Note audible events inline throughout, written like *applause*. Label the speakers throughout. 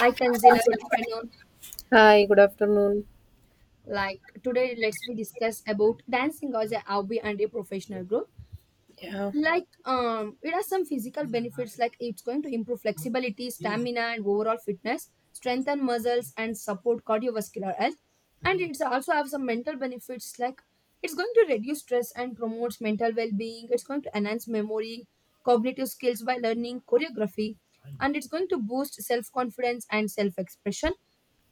Speaker 1: Hi Tanzila, good afternoon.
Speaker 2: Hi, good afternoon.
Speaker 1: Today, let's we discuss about dancing as a hobby and a professional growth.
Speaker 2: Yeah,
Speaker 1: It has some physical benefits. Like it's going to improve flexibility, stamina, and overall fitness, strengthen muscles, and support cardiovascular health. And it's also have some mental benefits. Like it's going to reduce stress and promotes mental well-being. It's going to enhance memory, cognitive skills by learning choreography, and it's going to boost self-confidence and self-expression.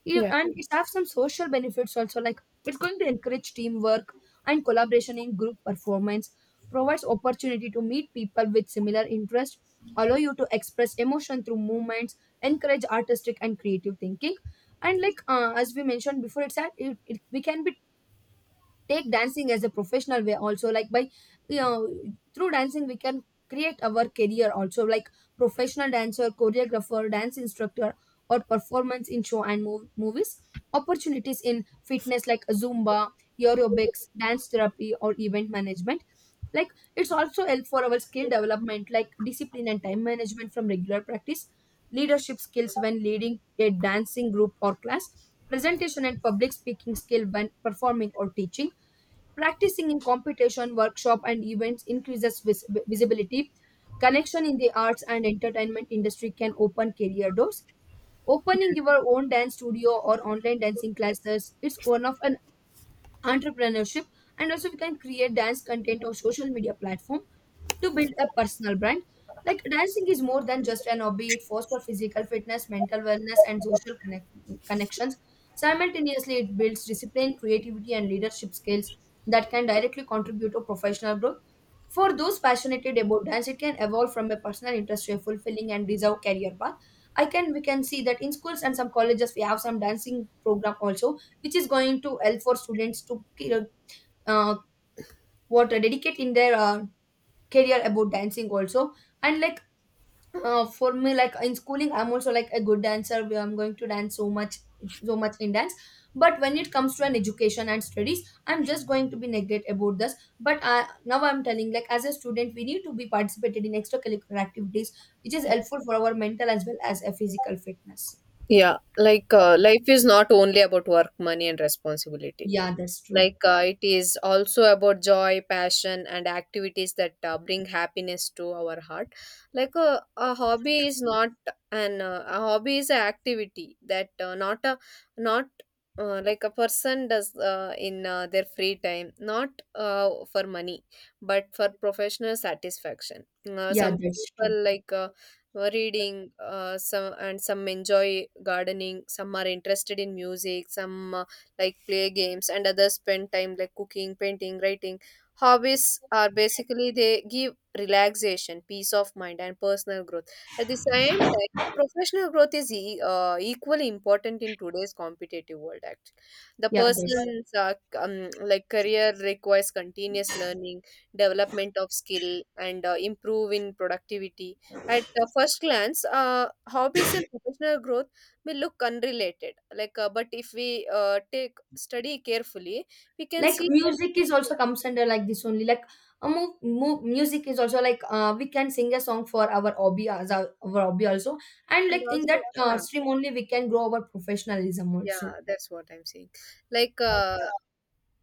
Speaker 1: You,
Speaker 2: yeah,
Speaker 1: and it have some social benefits also, like it's going to encourage teamwork and collaboration in group performance, provides opportunity to meet people with similar interest, allow you to express emotion through movements, encourage artistic and creative thinking. And as we mentioned before, it's that it, we can be take dancing as a professional way also, like by you know through dancing we can create our career also, like professional dancer, choreographer, dance instructor, or performance in show and movies, opportunities in fitness like zumba, aerobics, dance therapy, or event management. like it's also help for our skill development, like discipline and time management from regular practice, leadership skills when leading a dancing group or class, presentation and public speaking skill when performing or teaching. Practicing in competition, workshop, and events increases visibility. Connection in the arts and entertainment industry can open career doors. Opening your own dance studio or online dancing classes is one of an entrepreneurship, and also we can create dance content or social media platform to build a personal brand. Like dancing is more than just an hobby. It fosters physical fitness, mental wellness, and social connections. Simultaneously, it builds discipline, creativity, and leadership skills that can directly contribute to professional growth. For those passionate about dance, it can evolve from a personal interest to a fulfilling and deserved career path. I can We can see that in schools and some colleges we have some dancing program also, which is going to help for students to uh, what dedicate in their career about dancing also. And for me, like in schooling, I'm also like a good dancer where I'm going to dance so much in dance. But when it comes to an education and studies, I'm just going to be negate about this. But now I'm telling, like as a student we need to be participated in extracurricular activities, which is
Speaker 2: yeah.
Speaker 1: helpful for our mental as well as a physical fitness.
Speaker 2: Life is not only about work, money, and responsibility.
Speaker 1: Yeah, that's true.
Speaker 2: It is also about joy, passion, and activities that bring happiness to our heart. A hobby is not an a hobby. Is an activity that not a not like a person does in their free time, not for money, but for professional satisfaction.
Speaker 1: Yeah,
Speaker 2: Some
Speaker 1: that's true.
Speaker 2: people were reading, some and some enjoy gardening, some are interested in music, some like play games, and others spend time like cooking, painting, writing. Hobbies are basically they give relaxation, peace of mind, and personal growth. At the same time, professional growth is equally important in today's competitive world. Actually, the
Speaker 1: Yeah, that's,
Speaker 2: person's like career requires continuous learning, development of skill, and improve in productivity. At first glance, hobbies and professional growth may look unrelated, but if we take study carefully, we can
Speaker 1: like,
Speaker 2: see that.
Speaker 1: music is also
Speaker 2: yeah,
Speaker 1: comes under like this only, like music is also like, we can sing a song for our hobby as our hobby also. And
Speaker 2: and
Speaker 1: like in
Speaker 2: also
Speaker 1: that
Speaker 2: yeah
Speaker 1: stream only we can grow our professionalism
Speaker 2: yeah
Speaker 1: also.
Speaker 2: That's what I'm saying. like uh,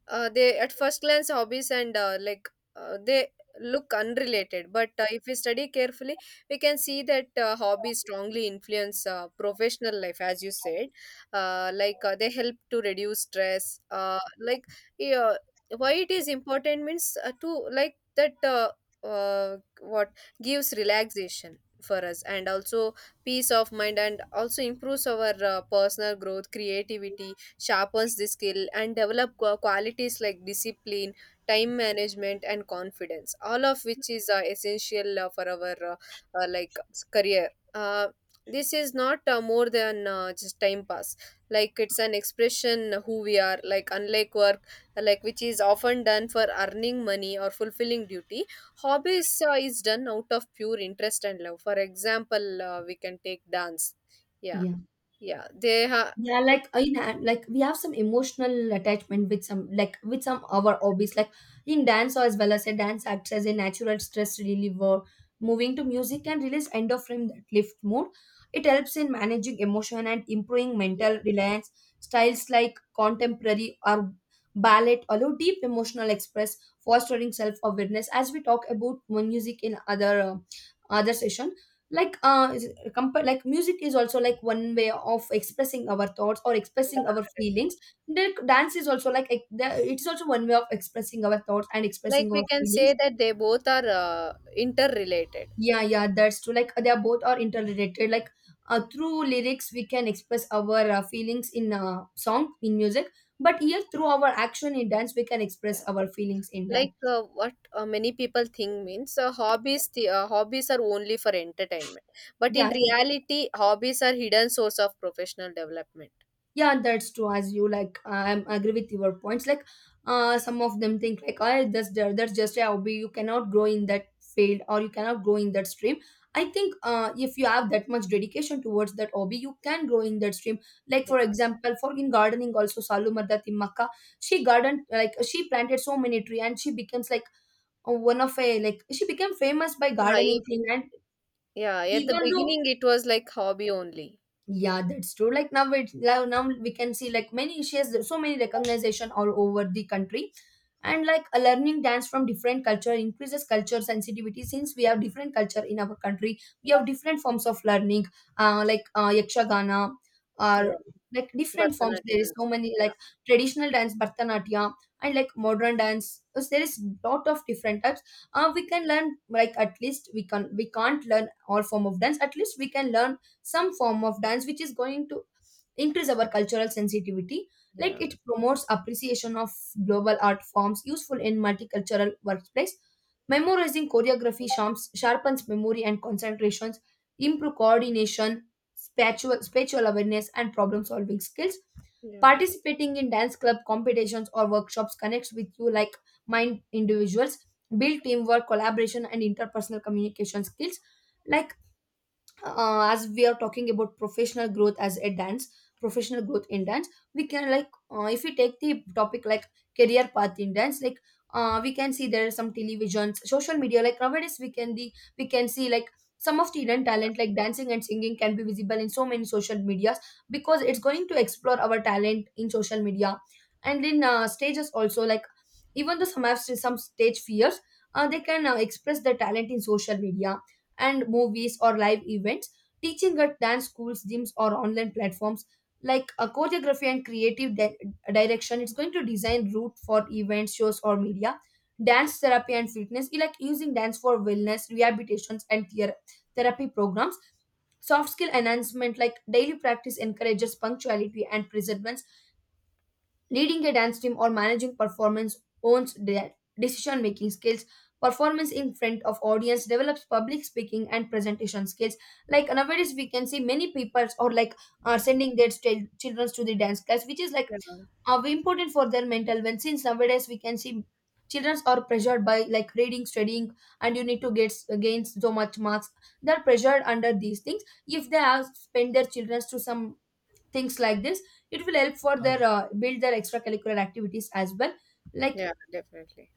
Speaker 2: they, at first glance, hobbies and like they look unrelated, but if we study carefully, we can see that hobbies strongly influence professional life, as you said. They help to reduce stress, yeah, why it is important means to like that what gives relaxation for us, and also peace of mind, and also improves our personal growth, creativity, sharpens the skill, and develop qualities like discipline, time management, and confidence, all of which is essential for our career. This is not more than just time pass. Like, it's an expression who we are, like unlike work, like which is often done for earning money or fulfilling duty. Hobbies is done out of pure interest and love. For example, we can take dance. yeah
Speaker 1: Yeah.
Speaker 2: yeah they have
Speaker 1: Yeah, like in like we have some emotional attachment with some, like with some our hobbies. Like in dance, as well as a dance acts as a natural stress reliever. Moving to music can release endorphin that lift mood. It helps in managing emotion and improving mental reliance. Styles like contemporary or ballet allow deep emotional express, fostering self awareness. As we talk about one music in other session, like uh, like music is also like one way of expressing our thoughts or
Speaker 2: Yeah,
Speaker 1: expressing our
Speaker 2: definitely.
Speaker 1: feelings. The dance is also like it's also one way of expressing our thoughts and
Speaker 2: Like,
Speaker 1: expressing our
Speaker 2: we can
Speaker 1: feelings.
Speaker 2: say that they both are interrelated.
Speaker 1: Yeah, yeah, that's true. Like they are both are interrelated, like through lyrics we can express our feelings in song in music, but here through our action in dance we can express
Speaker 2: Yeah.
Speaker 1: our feelings in dance.
Speaker 2: Like what Many people think means, hobbies, hobbies are only for entertainment, but in
Speaker 1: Yeah,
Speaker 2: reality, hobbies are hidden source of professional development.
Speaker 1: yeah, that's true. As you, like, I am agree with your points. Like some of them think, like, oh, that's there, that's just a hobby, you cannot grow in that field or you cannot grow in that stream. I think if you have that much dedication towards that hobby, you can grow in that stream. Like
Speaker 2: Yeah.
Speaker 1: for example, for in gardening also, Salumarda mardat in she garden, like she planted so many tree and she becomes like one of a, like she became famous by
Speaker 2: Yeah.
Speaker 1: gardening thing. And
Speaker 2: Yeah. At the
Speaker 1: even though,
Speaker 2: beginning, it was like hobby only.
Speaker 1: yeah, that's true. Like now, it now now we can see, like, many, she has so many recognition all over the country. And like a learning dance from different culture increases culture sensitivity. Since we have different culture in our country, we have different forms of learning, yakshagana
Speaker 2: Yeah.
Speaker 1: or like different forms. There
Speaker 2: Bharatanatyam
Speaker 1: is
Speaker 2: and
Speaker 1: so
Speaker 2: all.
Speaker 1: many
Speaker 2: Yeah.
Speaker 1: like traditional dance, bharatanatyam, and like modern dance. So there is lot of different types. We can learn, like at least we can, we can't learn all form of dance, at least we can learn some form of dance, which is going to increase our cultural sensitivity. Like
Speaker 2: Yeah.
Speaker 1: it promotes appreciation of global art forms, useful in multicultural workplace. Memorizing choreography sharpens memory and concentrations, improve coordination, spatial awareness, and problem solving skills.
Speaker 2: Yeah.
Speaker 1: Participating in dance club competitions or workshops connects with you, like mind individuals, build teamwork, collaboration, and interpersonal communication skills. Like as we are talking about professional growth as a dance, professional growth in dance, we can like if we take the topic like career path in dance, like we can see there are some televisions, social media. Like nowadays we can see, like, some of the hidden talent like dancing and singing can be visible in so many social medias, because it's going to explore our talent in social media and in stages also. Like even though some have some stage fears, they can express their talent in social media and movies or live events, teaching at dance schools, gyms, or online platforms. Like a choreography and creative direction, it's going to design route for events, shows, or media. Dance therapy and fitness, you like using dance for wellness, rehabilitations, and therapy programs. Soft skill enhancement, like daily practice encourages punctuality and perseverance. Leading a dance team or managing performance owns their decision making skills. Performance in front of audience develops public speaking and presentation skills. Like nowadays, we can see many people or like are sending their children to the dance class, which is like
Speaker 2: Yeah.
Speaker 1: important for their mental well. Since nowadays we can see children are pressured by like reading, studying, and you need to get gain so much marks. They're pressured under these things. If they have spend their children to some things like this, it will help for their build their extracurricular activities as well. like
Speaker 2: Yeah. Definitely.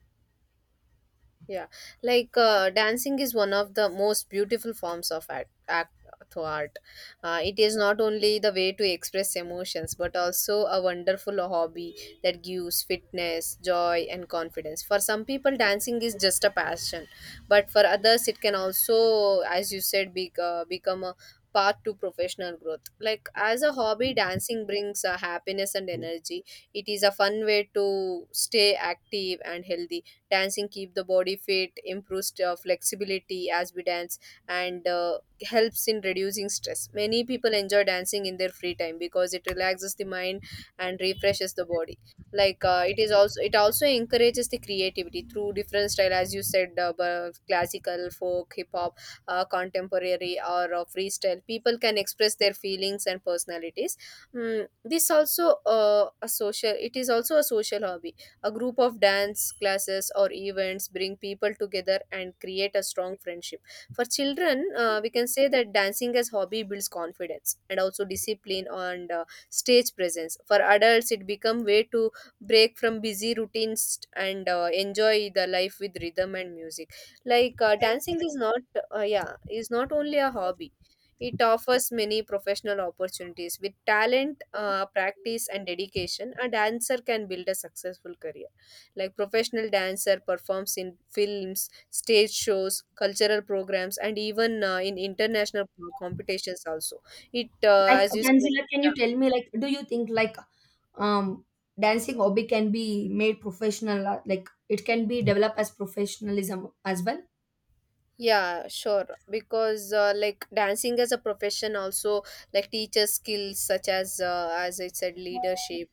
Speaker 2: Yeah, dancing is one of the most beautiful forms of art, act to art. It is not only the way to express emotions, but also a wonderful hobby that gives fitness, joy, and confidence. For some people, dancing is just a passion, but for others, it can also, as you said, become a path to professional growth. Like, as a hobby, dancing brings happiness and energy. It is a fun way to stay active and healthy. Dancing keep the body fit, improves flexibility as we dance, and helps in reducing stress. Many people enjoy dancing in their free time because it relaxes the mind and refreshes the body. Like uh, it is also it also encourages the creativity through different style, as you said, classical, folk, hip hop, contemporary, or freestyle. People can express their feelings and personalities. Mm, this also a social it is also a social hobby. A group of dance classes or events bring people together and create a strong friendship. For children, we can say that dancing as hobby builds confidence and also discipline and stage presence. For adults, it become way to break from busy routines and enjoy the life with rhythm and music. Dancing is not, yeah, is not only a hobby. It offers many professional opportunities. With talent, practice, and dedication, a dancer can build a successful career. Like, professional dancer performs in films, stage shows, cultural programs, and even in international competitions also.
Speaker 1: like
Speaker 2: As you said,
Speaker 1: Tanzila, can you tell me, like, do you think like um dancing hobby can be made professional, like it can be developed as professionalism as well?
Speaker 2: yeah, sure. Because like dancing as a profession also like teaches skills such as, as I said, leadership,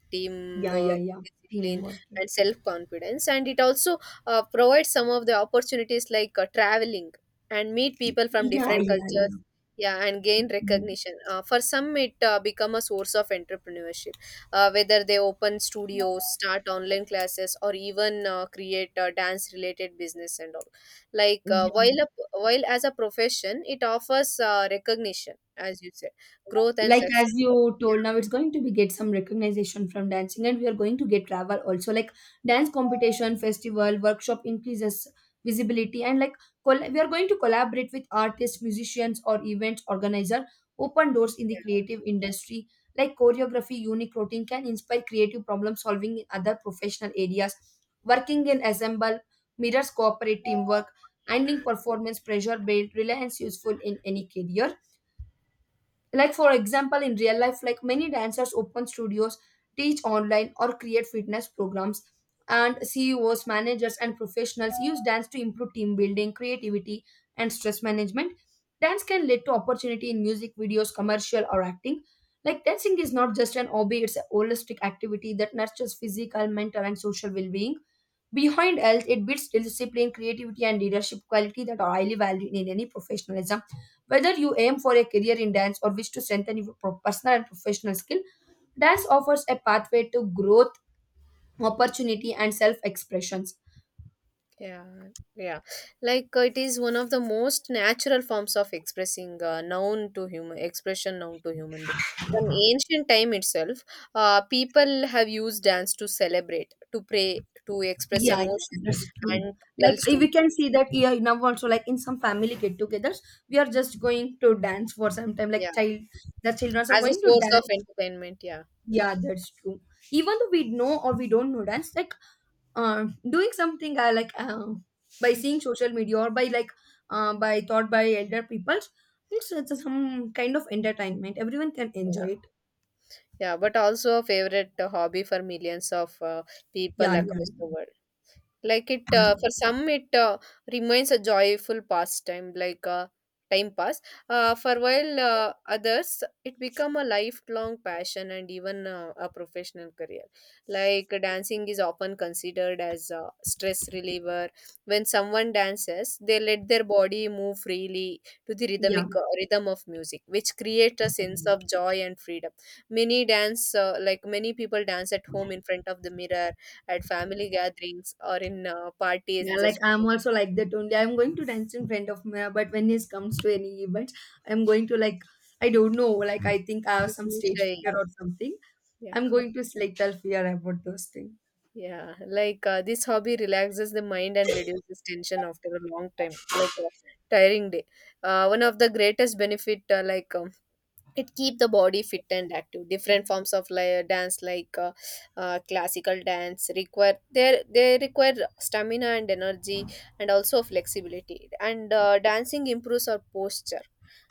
Speaker 1: Yeah, yeah,
Speaker 2: teamwork,
Speaker 1: yeah.
Speaker 2: discipline,
Speaker 1: Teamwork.
Speaker 2: and self confidence, and it also provides some of the opportunities like traveling and meet people from
Speaker 1: Yeah,
Speaker 2: different
Speaker 1: yeah, yeah.
Speaker 2: cultures. Yeah, and gain recognition. For some, it become a source of entrepreneurship. Whether they open studios, start online classes, or even create dance related business and all. like
Speaker 1: Yeah,
Speaker 2: uh, while a,
Speaker 1: yeah.
Speaker 2: while as a profession, it offers recognition, as you said, growth and
Speaker 1: Like
Speaker 2: success.
Speaker 1: as you told,
Speaker 2: yeah
Speaker 1: now it's going to be get some recognition from dancing and we are going to get travel also. Like dance competition, festival, workshop increases visibility. And like we are going to collaborate with artists, musicians, or event organizer, open doors in the creative industry. Like choreography, unique routine can inspire creative problem solving in other professional areas. Working in assemble mirrors cooperative teamwork. Handling performance pressure build reliance useful in any career. Like for example, in real life, like many dancers open studios, teach online, or create fitness programs. And CEOs, managers, and professionals use dance to improve team building, creativity, and stress management. Dance can lead to opportunity in music videos, commercial, or acting. Like dancing is not just an hobby. It's a holistic activity that nurtures physical, mental, and social well-being. Behind health, it builds discipline, creativity, and leadership quality that are highly valued in any professionalism. Whether you aim for a career in dance or wish to strengthen your personal and professional skill, dance offers a pathway to growth, opportunity, and self expressions.
Speaker 2: yeah yeah yeah. It is one of the most natural forms of expressing known to human, expression known to human being from ancient time itself. People have used dance to celebrate, to pray, to express
Speaker 1: Yeah, yeah,
Speaker 2: emotion,
Speaker 1: that's true.
Speaker 2: and to
Speaker 1: Like
Speaker 2: tell
Speaker 1: eh, we
Speaker 2: stories.
Speaker 1: can see that, yeah, now also like in some family get-togethers, we are just going to dance for some time.
Speaker 2: Yeah,
Speaker 1: Like child, the children are
Speaker 2: as a
Speaker 1: going to
Speaker 2: source of
Speaker 1: dance.
Speaker 2: entertainment. Yeah
Speaker 1: Yeah, that's true. Even though we know or we don't know dance, like doing something by seeing social media or by like by thought by elder people, it's some kind of entertainment, everyone can enjoy
Speaker 2: yeah.
Speaker 1: it.
Speaker 2: Yeah, but also a favorite hobby for millions of people
Speaker 1: Yeah, yeah,
Speaker 2: across the world. Like,
Speaker 1: yeah,
Speaker 2: for some, it remains a joyful pastime, like a time pass. For while others, it become a lifelong passion and even a professional career. Like, dancing is often considered as a stress reliever. When someone dances, they let their body move freely to the rhythm of music, which creates a sense of
Speaker 1: yeah.
Speaker 2: joy and freedom. Many people dance at home in front of the mirror, at family gatherings, or in parties.
Speaker 1: Yeah, like
Speaker 2: Just
Speaker 1: I'm also like that only, I'm going to dance in front of me. But when it comes to any event, I'm going to like, I don't know, like I think I have
Speaker 2: you
Speaker 1: some
Speaker 2: feel
Speaker 1: stage
Speaker 2: shy.
Speaker 1: fear or something.
Speaker 2: Yeah,
Speaker 1: I'm going to little fear about those things.
Speaker 2: yeah. This hobby relaxes the mind and reduces tension after a long time, like a tiring day. One of the greatest benefit, it keep the body fit and active. Different forms of, dance, classical dance require, they require stamina and energy and also flexibility. And Dancing improves our posture,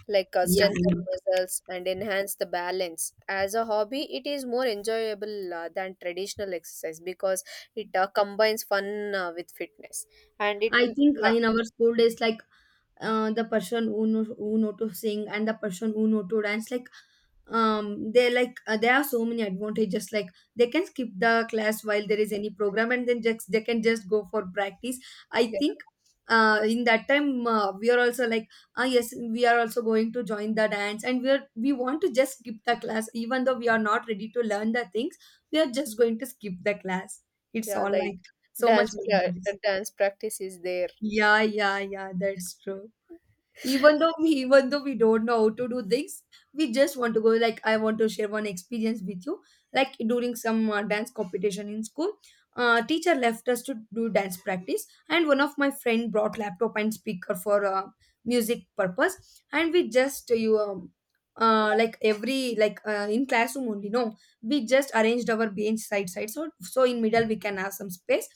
Speaker 1: Yeah,
Speaker 2: strengthen
Speaker 1: yeah.
Speaker 2: muscles, and enhance the balance. As a hobby, it is more enjoyable than traditional exercise, because it combines fun with fitness. And it
Speaker 1: I think
Speaker 2: yeah
Speaker 1: in our school days, like the person who know to sing and the person who know to dance, like they're like there are so many advantages, like they can skip the class while there is any program and then just they can just go for practice. I
Speaker 2: yeah,
Speaker 1: think in that time we are also like, ah, yes, we are also going to join the dance and we want to just skip the class even though we are not ready to learn the things. We are just going to skip the class. It's
Speaker 2: yeah
Speaker 1: all
Speaker 2: like
Speaker 1: like so much
Speaker 2: dance yeah,
Speaker 1: memories.
Speaker 2: Dance practice is there.
Speaker 1: Yeah, yeah, yeah, that's true. Even though we *laughs* even though we don't know how to do things, we just want to go. Like, I want to share one experience with you. Like, during some dance competition in school, teacher left us to do dance practice and one of my friend brought laptop and speaker for music purpose. And we just you like every like in classroom only, no, we just arranged our bench side side, so in middle we can have some space.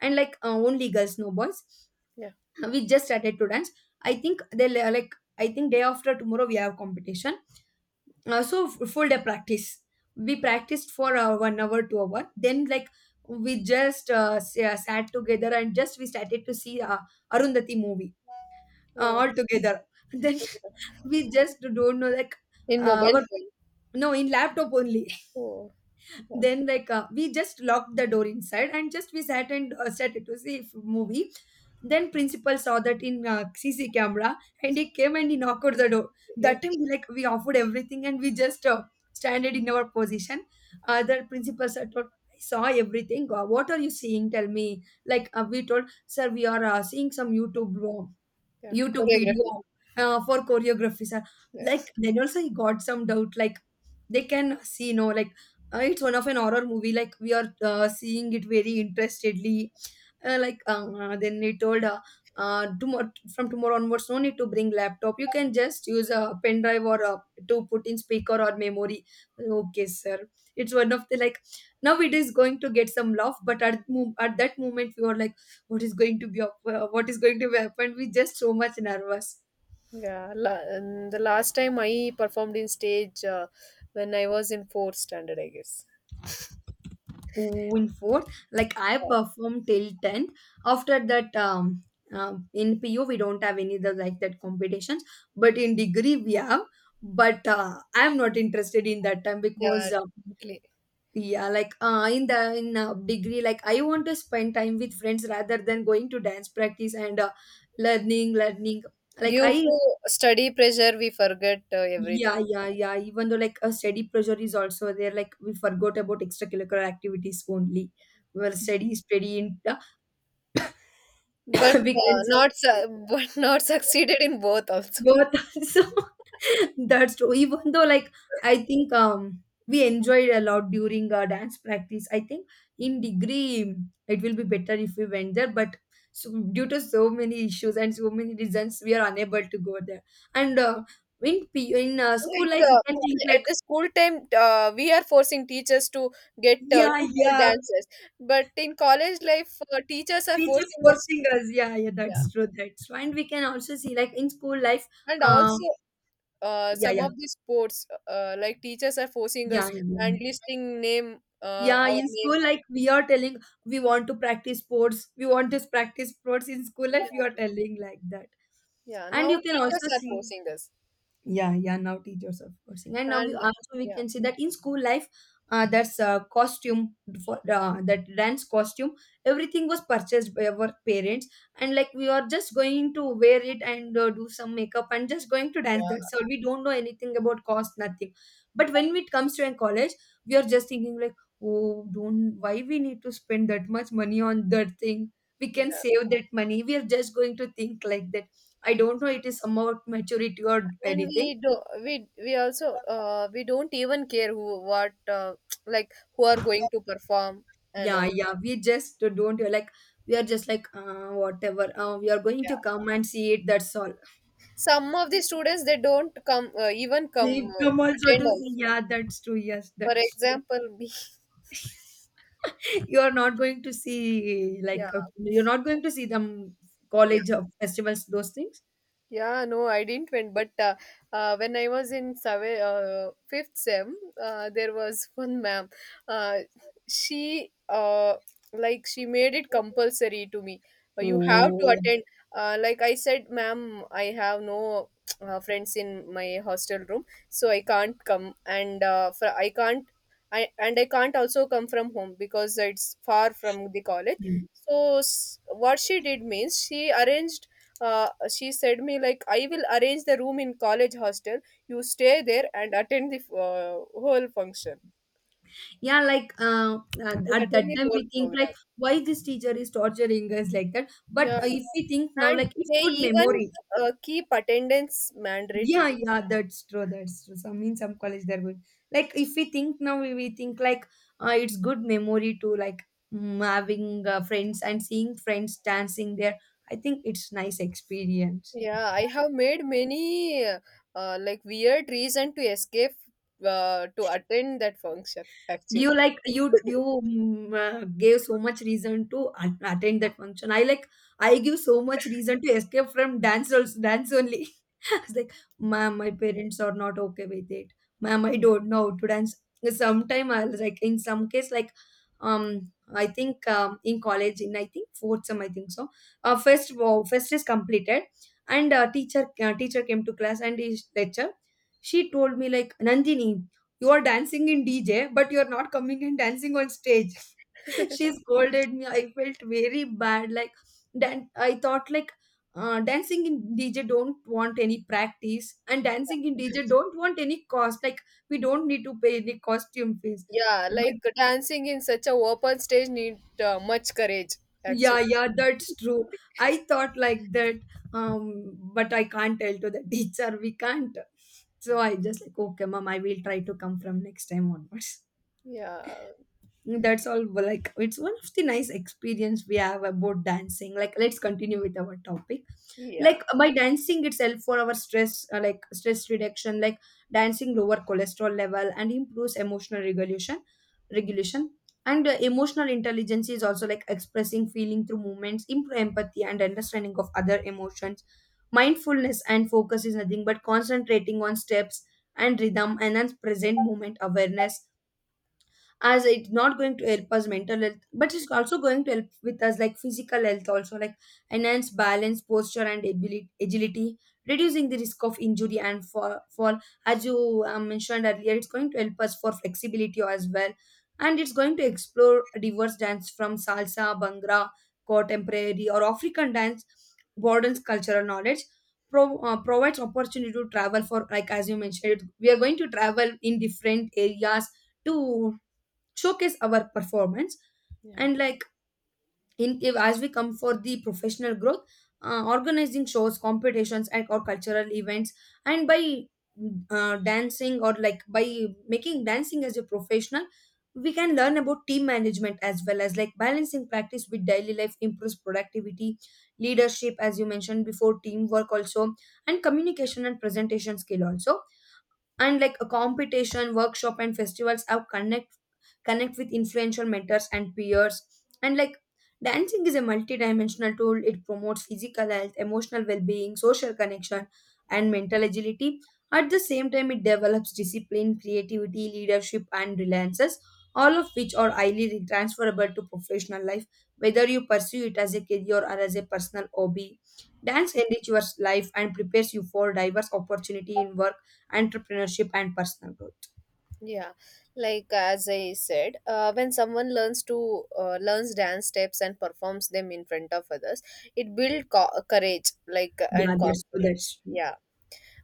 Speaker 1: And like, only girls, no boys.
Speaker 2: Yeah.
Speaker 1: We just started to dance. I think they le- like I think day after tomorrow we have competition. So full day practice. We practiced for 1 hour 2 hour, then like we just sat together and just we started to see Arundhati movie
Speaker 2: Oh.
Speaker 1: all together. Then *laughs* we just don't know, like,
Speaker 2: In mobile
Speaker 1: our,
Speaker 2: phone.
Speaker 1: no, in laptop only.
Speaker 2: Oh, yeah.
Speaker 1: Then like, we just locked the door inside and just we sat and sat to see if movie. Then principal saw that in CC camera and he came and he knocked at the door.
Speaker 2: It,
Speaker 1: That time we, like, we offered everything and we just standed in our position. The principal said, "Look, I saw everything. What are you seeing, tell me," like we told sir we are seeing some
Speaker 2: yeah.
Speaker 1: YouTube
Speaker 2: Choreography.
Speaker 1: video for choreographies.
Speaker 2: Yeah.
Speaker 1: Like, then also he got some doubt. Like, they can see, no, like, it's one of an horror movie. Like, we are seeing it very interestedly. Then he told, tomorrow, from tomorrow onwards, no need to bring laptop. You can just use a pen drive or a, to put in speaker or memory. Okay, sir. It's one of the, like, now it is going to get some love, but at at that moment we were like, what is going to be, what is going to happen, we just so much nervous.
Speaker 2: Yeah. And the last time I performed in stage when I was in fourth standard, I guess.
Speaker 1: In fourth, like, I
Speaker 2: Yeah,
Speaker 1: performed till 10th. After that, um in PU we don't have any other like that competitions, but in degree we have. But I'm not interested in that time
Speaker 2: yeah,
Speaker 1: because,
Speaker 2: definitely.
Speaker 1: yeah, like, in the in degree like I want to spend time with friends rather than going to dance practice. And learning. Like
Speaker 2: Due
Speaker 1: I
Speaker 2: to study pressure, we forget everything.
Speaker 1: Yeah, yeah, yeah. Even though, like, a study pressure is also there, like we forgot about extracurricular activities only. Well, study is pretty in the
Speaker 2: But
Speaker 1: *coughs* weekends.
Speaker 2: not su- *laughs* but not succeeded in both also.
Speaker 1: But *laughs* so *coughs* that's true. Even though, like, I think we enjoyed a lot during dance practice. I think in degree it will be better if we went there, but, so due to so many issues and so many reasons, we are unable to go there. And in school life,
Speaker 2: like
Speaker 1: we
Speaker 2: uh,
Speaker 1: can think
Speaker 2: at
Speaker 1: like,
Speaker 2: the school time, we are forcing teachers to get
Speaker 1: yeah,
Speaker 2: two more
Speaker 1: yeah,
Speaker 2: dances, but in college life, teachers are
Speaker 1: teacher
Speaker 2: forcing us.
Speaker 1: forcing us. Yeah, yeah,
Speaker 2: Yeah.
Speaker 1: that's true, that's true. And we can also see like in school life,
Speaker 2: And
Speaker 1: uh
Speaker 2: also
Speaker 1: yeah,
Speaker 2: some
Speaker 1: yeah,
Speaker 2: of the sports, teachers are forcing
Speaker 1: yeah,
Speaker 2: us
Speaker 1: yeah.
Speaker 2: and listing name,
Speaker 1: Yeah,
Speaker 2: our
Speaker 1: in
Speaker 2: name.
Speaker 1: school, like, we are telling we want to practice sports, we want to practice sports in school life. We are
Speaker 2: Yeah.
Speaker 1: telling like that.
Speaker 2: Yeah,
Speaker 1: And
Speaker 2: now
Speaker 1: you can
Speaker 2: teachers
Speaker 1: also
Speaker 2: are
Speaker 1: see,
Speaker 2: forcing us.
Speaker 1: yeah, yeah, now teachers are forcing, and now we
Speaker 2: and
Speaker 1: also we
Speaker 2: yeah
Speaker 1: can see that in school life. That's costume for that dance costume, everything was purchased by our parents. And like we are just going to wear it and do some makeup and just going to dance,
Speaker 2: yeah
Speaker 1: that's all. We don't know anything about cost, nothing. But when it comes to a college, we are just thinking like, oh, don't, why we need to spend that much money on that thing, we can
Speaker 2: yeah
Speaker 1: save that money, we are just going to think like that. I don't know, it is about maturity or
Speaker 2: and
Speaker 1: anything.
Speaker 2: we do, we also we don't even care who, what, *tsk* like who are going to perform and
Speaker 1: Yeah,
Speaker 2: all.
Speaker 1: yeah. We just don't, like, we are just like, whatever. We are going to come and see it. That's all.
Speaker 2: Some of the students, they don't come, even come,
Speaker 1: They come also
Speaker 2: attend
Speaker 1: to see.
Speaker 2: also.
Speaker 1: Yeah, that's true. Yes,
Speaker 2: For
Speaker 1: that's true. *laughs*
Speaker 2: example, me. *laughs*
Speaker 1: You are not going to see
Speaker 2: Yeah.
Speaker 1: like, you're not going to see them
Speaker 2: Yeah.
Speaker 1: college of festivals, those things.
Speaker 2: Yeah, no, I didn't went. But when I was in fifth sem, there was *laughs* one ma'am. Uh, she like she made it compulsory to me. You have to
Speaker 1: Oh.
Speaker 2: attend. Like, I said, ma'am, I have no friends in my hostel room, so I can't come, and I can't. And I can't also come from home because it's far from the college.
Speaker 1: Mm.
Speaker 2: So what she did means she arranged, she said me like, I will arrange the room in college hostel, you stay there and attend the whole function,
Speaker 1: Yeah, like,
Speaker 2: like
Speaker 1: at that
Speaker 2: attend the
Speaker 1: time
Speaker 2: whole
Speaker 1: we think
Speaker 2: program.
Speaker 1: like, why this teacher is torturing us like that. But
Speaker 2: Yeah.
Speaker 1: if we think now,
Speaker 2: And
Speaker 1: like, it's
Speaker 2: they
Speaker 1: good
Speaker 2: even
Speaker 1: memory.
Speaker 2: keep attendance
Speaker 1: Yeah,
Speaker 2: mandatory.
Speaker 1: yeah, that's true, that's true. Some, in some college they're good. Like, if we think now, we think like, it's good memory to, like, having friends and seeing friends dancing there. I think it's nice experience.
Speaker 2: Yeah, I have made many like weird reason to escape, to attend that function
Speaker 1: You,
Speaker 2: actually.
Speaker 1: like you
Speaker 2: *laughs*
Speaker 1: you mm, uh, gave so much reason to attend that function. I, like, I give so much reason to escape from dance also, dance only. Was like, ma'am, my parents are not okay with it. Ma'am, I don't know how to dance. Sometime I was like in some case like, um I think in college in, I think fourth sem, I think so. First, wow, first is completed. And teacher came to class and his lecture, she told me like, Nandini, you are dancing in DJ but you are not coming and dancing on stage. *laughs* She scolded me, I felt very bad, like, then I thought like, dancing in DJ don't want any practice and dancing in DJ don't want any cost, like, we don't need to pay any costume fees.
Speaker 2: Yeah,
Speaker 1: But
Speaker 2: like dancing in such a open stage need much courage
Speaker 1: yeah,
Speaker 2: actually.
Speaker 1: yeah, that's true. I thought like that. um but I can't tell to the *laughs* teacher, we can't. So I just like, okay, mom, I will try to come from next time onwards.
Speaker 2: yeah
Speaker 1: That's all. Well, like, it's one of the nice experience we have about dancing. Like, let's continue with our topic.
Speaker 2: yeah
Speaker 1: Like, by dancing itself, for our stress, like stress reduction, like dancing lower cholesterol level and improves emotional regulation. And emotional intelligence is also like expressing feeling through movements, improve empathy and understanding of other emotions. Mindfulness and focus is nothing but concentrating on steps and rhythm, enhance present moment awareness. As it's not going to help us mental health, but it's also going to help with us like physical health also, like enhance balance posture and agility, reducing the risk of injury and fall. As you mentioned earlier, it's going to help us for flexibility as well. And it's going to explore diverse dance from salsa, bhangra, contemporary or African dance, broadens cultural knowledge. Provides opportunity to travel for, like, as you mentioned, we are going to travel in different areas to showcase our performance.
Speaker 2: yeah
Speaker 1: And like, in if, as we come for the professional growth, organizing shows, competitions, and or cultural events. And by dancing, or like by making dancing as a professional, we can learn about team management, as well as like balancing practice with daily life improves productivity, leadership, as you mentioned before, teamwork also, and communication and presentation skill also. And like, a competition, workshop, and festivals have connect with influential mentors and peers. And like, dancing is a multidimensional tool. It promotes physical health, emotional well-being, social connection, and mental agility. At the same time, it develops discipline, creativity, leadership, and reliances, all of which are highly transferable to professional life, whether you pursue it as a career or as a personal hobby. Dance enriches your life and prepares you for diverse opportunity in work, entrepreneurship, and personal growth.
Speaker 2: Yeah, like as I said, when someone learns to learns dance steps and performs them in front of others, it builds courage, like,
Speaker 1: Yeah,
Speaker 2: and
Speaker 1: that's true,
Speaker 2: confidence.
Speaker 1: that's true.
Speaker 2: Yeah.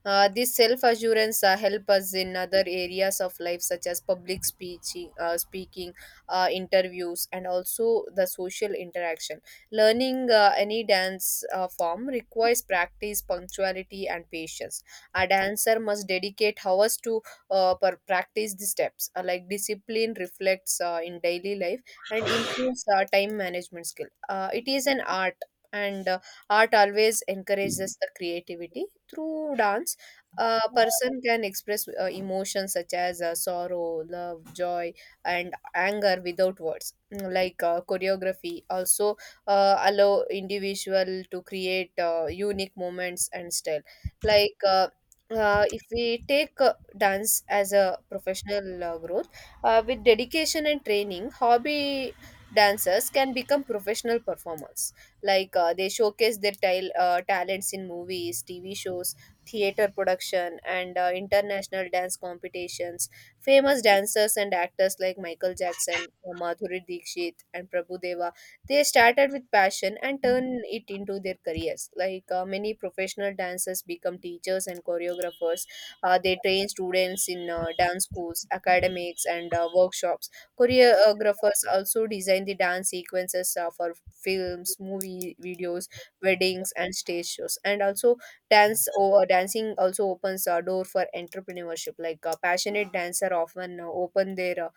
Speaker 2: This self assurance help us in other areas of life, such as speaking, interviews, and also the social interaction. Learning any dance form requires practice, punctuality, and patience. A dancer must dedicate hours to practice the steps. Like, discipline reflects in daily life and improves time management skill. It is an art, and art always encourages the creativity. Through dance a person can express emotions such as sorrow, love, joy, and anger without words. Mm, like choreography also allow individual to create unique moments and style. Like uh, if we take dance as a professional growth, with dedication and training, hobby dancers can become professional performers. They showcase their tile talents in movies, TV shows, theater production, and international dance competitions. Famous dancers and actors like Michael Jackson, Madhuri Dixit, and Prabhu Deva, they started with passion and turned it into their careers. Like, many professional dancers become teachers and choreographers. They train students in dance schools, academics, and workshops. Choreographers also design the dance sequences for films, movie videos, weddings, and stage shows. And also, dance or dancing also opens a door for entrepreneurship. Passionate dancer often open their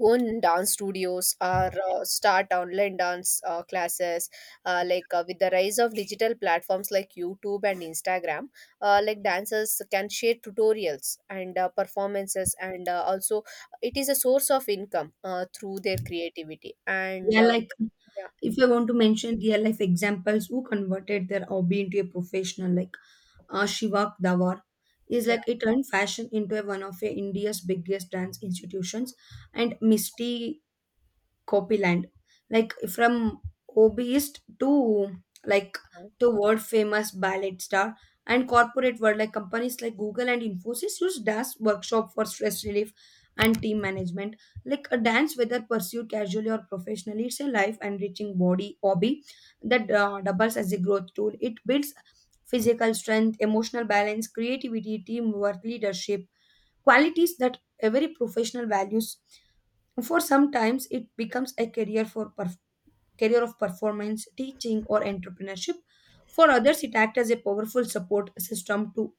Speaker 2: own dance studios or start online dance classes. With the rise of digital platforms like YouTube and Instagram, like, dancers can share tutorials and performances, and also it is a source of income through their creativity. And
Speaker 1: Yeah, like,
Speaker 2: Yeah,
Speaker 1: if you want to mention real life examples who converted their hobby into a professional, like, Shivak Dawar is, like, it turned fashion into a, one of a India's biggest dance institutions. And Misty Copyland, like, from hobbyist to, like,
Speaker 2: yeah.
Speaker 1: to world famous ballet star. And corporate world, like companies like Google and Infosys use dance workshop for stress relief and team management. Like a dance, whether pursued casually or professionally, it's a life enriching body hobby that doubles as a growth tool. It builds physical strength, emotional balance, creativity, teamwork, leadership qualities that every professional values. For sometimes it becomes a career for career of performance, teaching, or entrepreneurship. For others, it acts as a powerful support system to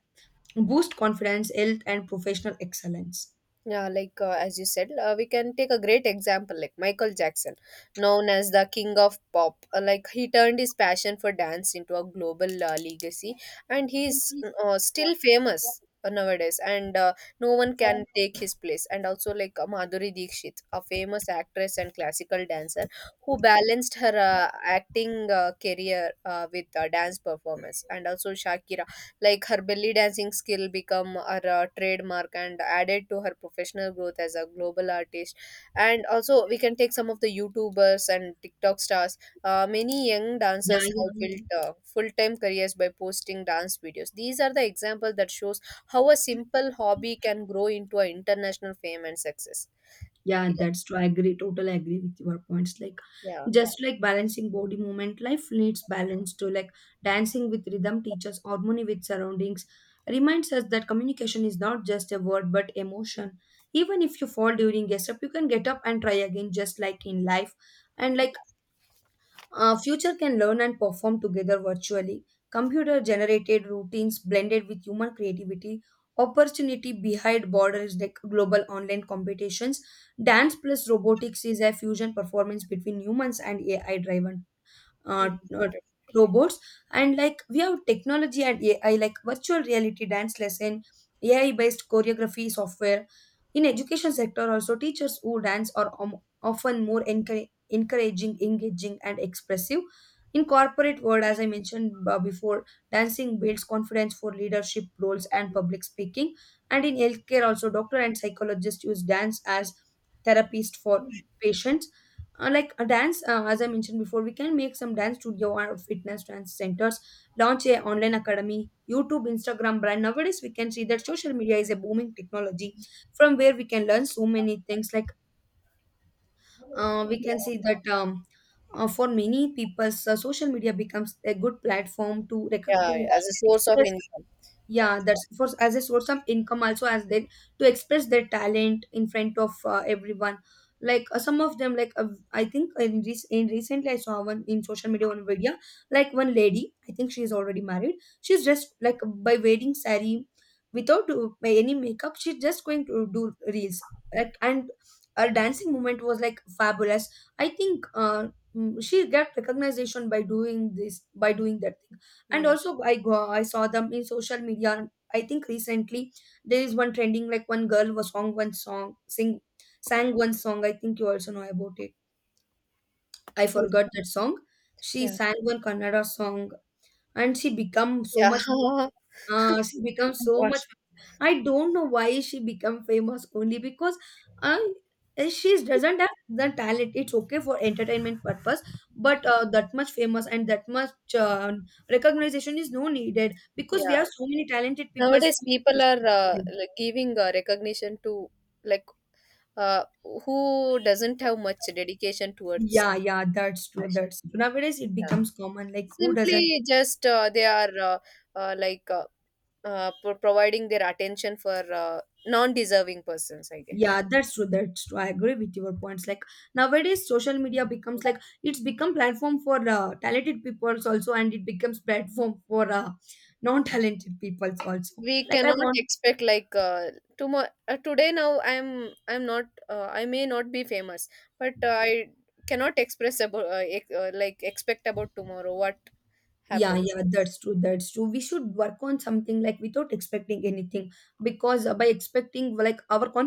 Speaker 1: boost confidence, health, and professional excellence.
Speaker 2: Yeah, as you said, we can take a great example like Michael Jackson, known as the king of pop. Like he turned his passion for dance into a global legacy, and he's still famous nowadays. And No one can take his place. And also Madhuri Dixit, a famous actress and classical dancer, who balanced her acting career with dance performance. And also Shakira, like her belly dancing skill become her trademark and added to her professional growth as a global artist. And also we can take some of the YouTubers and TikTok stars. Many young
Speaker 1: Yeah,
Speaker 2: dancers
Speaker 1: yeah,
Speaker 2: have
Speaker 1: yeah.
Speaker 2: built full-time careers by posting dance videos. These are the examples that shows how a simple hobby can grow into an international fame and success.
Speaker 1: Yeah,
Speaker 2: Yeah.
Speaker 1: that's true. I agree. Totally agree with your points. Like,
Speaker 2: Yeah.
Speaker 1: just like balancing body movement, life needs balance too. Like, dancing with rhythm teaches harmony with surroundings, reminds us that communication is not just a word but emotion. Even if you fall during a step, you can get up and try again, just like in life. And like, future can learn and perform together virtually. Computer generated routines blended with human creativity. Opportunity behind borders like global online competitions. Dance plus robotics is a fusion performance between humans and AI driven uh, uh, robots. And like, we have technology and AI, like virtual reality dance lesson, AI based choreography software. In education sector also, teachers who dance are often more encouraging, engaging, and expressive. In corporate world, as I mentioned before, dancing builds confidence for leadership roles and public speaking. And in healthcare also, doctor and psychologist use dance as therapist for patients. Like, a dance, as I mentioned before, we can make some dance studio or fitness dance centers, launch a online academy, YouTube, Instagram brand. Nowadays we can see that social media is a booming technology from where we can learn so many things. Like we can
Speaker 2: Yeah.
Speaker 1: see that, for many people, social media becomes a good platform to
Speaker 2: Yeah, as a source of
Speaker 1: express.
Speaker 2: income. Yeah.
Speaker 1: Yeah, that's for, as a source of income also, as they, to express their talent in front of everyone. Like some of them, like I think in, recently I saw one in social media, one video. Like, one lady, I think she's already married, she's just like, by wearing sari, without by any makeup, she's just going to do reels like, and her dancing movement was like fabulous. I think she got recognition by doing this, by doing that. And
Speaker 2: Yeah.
Speaker 1: also, I saw them in social media, I think recently, there is one trending, like, one girl was song one song sing sang one song, I think you also know about it. I forgot that song. She
Speaker 2: Yeah.
Speaker 1: sang one Kannada song, and she become so
Speaker 2: Yeah.
Speaker 1: much,
Speaker 2: *laughs*
Speaker 1: she become so
Speaker 2: What?
Speaker 1: much, I don't know why she become famous only because, uh, she doesn't have the talent, it's okay for entertainment purpose. But that much famous, and that much recognition is no needed, because
Speaker 2: Yeah.
Speaker 1: we have so many talented people.
Speaker 2: Nowadays people
Speaker 1: So,
Speaker 2: are like giving recognition to like uh, who doesn't have much dedication towards
Speaker 1: yeah, yeah, that's true,
Speaker 2: passion.
Speaker 1: that's true. Nowadays it
Speaker 2: Yeah.
Speaker 1: becomes common, like who doesn't.
Speaker 2: Simply just they are uh, like uh, providing their attention for non-deserving persons, I guess.
Speaker 1: Yeah, that's true, that's true. I agree with your points. Like, nowadays, social media becomes, like, it's become platform for talented peoples also, and it becomes platform for non-talented peoples also.
Speaker 2: We
Speaker 1: Like, I
Speaker 2: cannot
Speaker 1: want.
Speaker 2: expect like, tomorrow today now I'm not, I may not be famous, but I cannot express about like expect about tomorrow what
Speaker 1: Yeah,
Speaker 2: happens.
Speaker 1: yeah, that's true, that's true. We should work on something like without expecting anything, because by expecting like our confidence.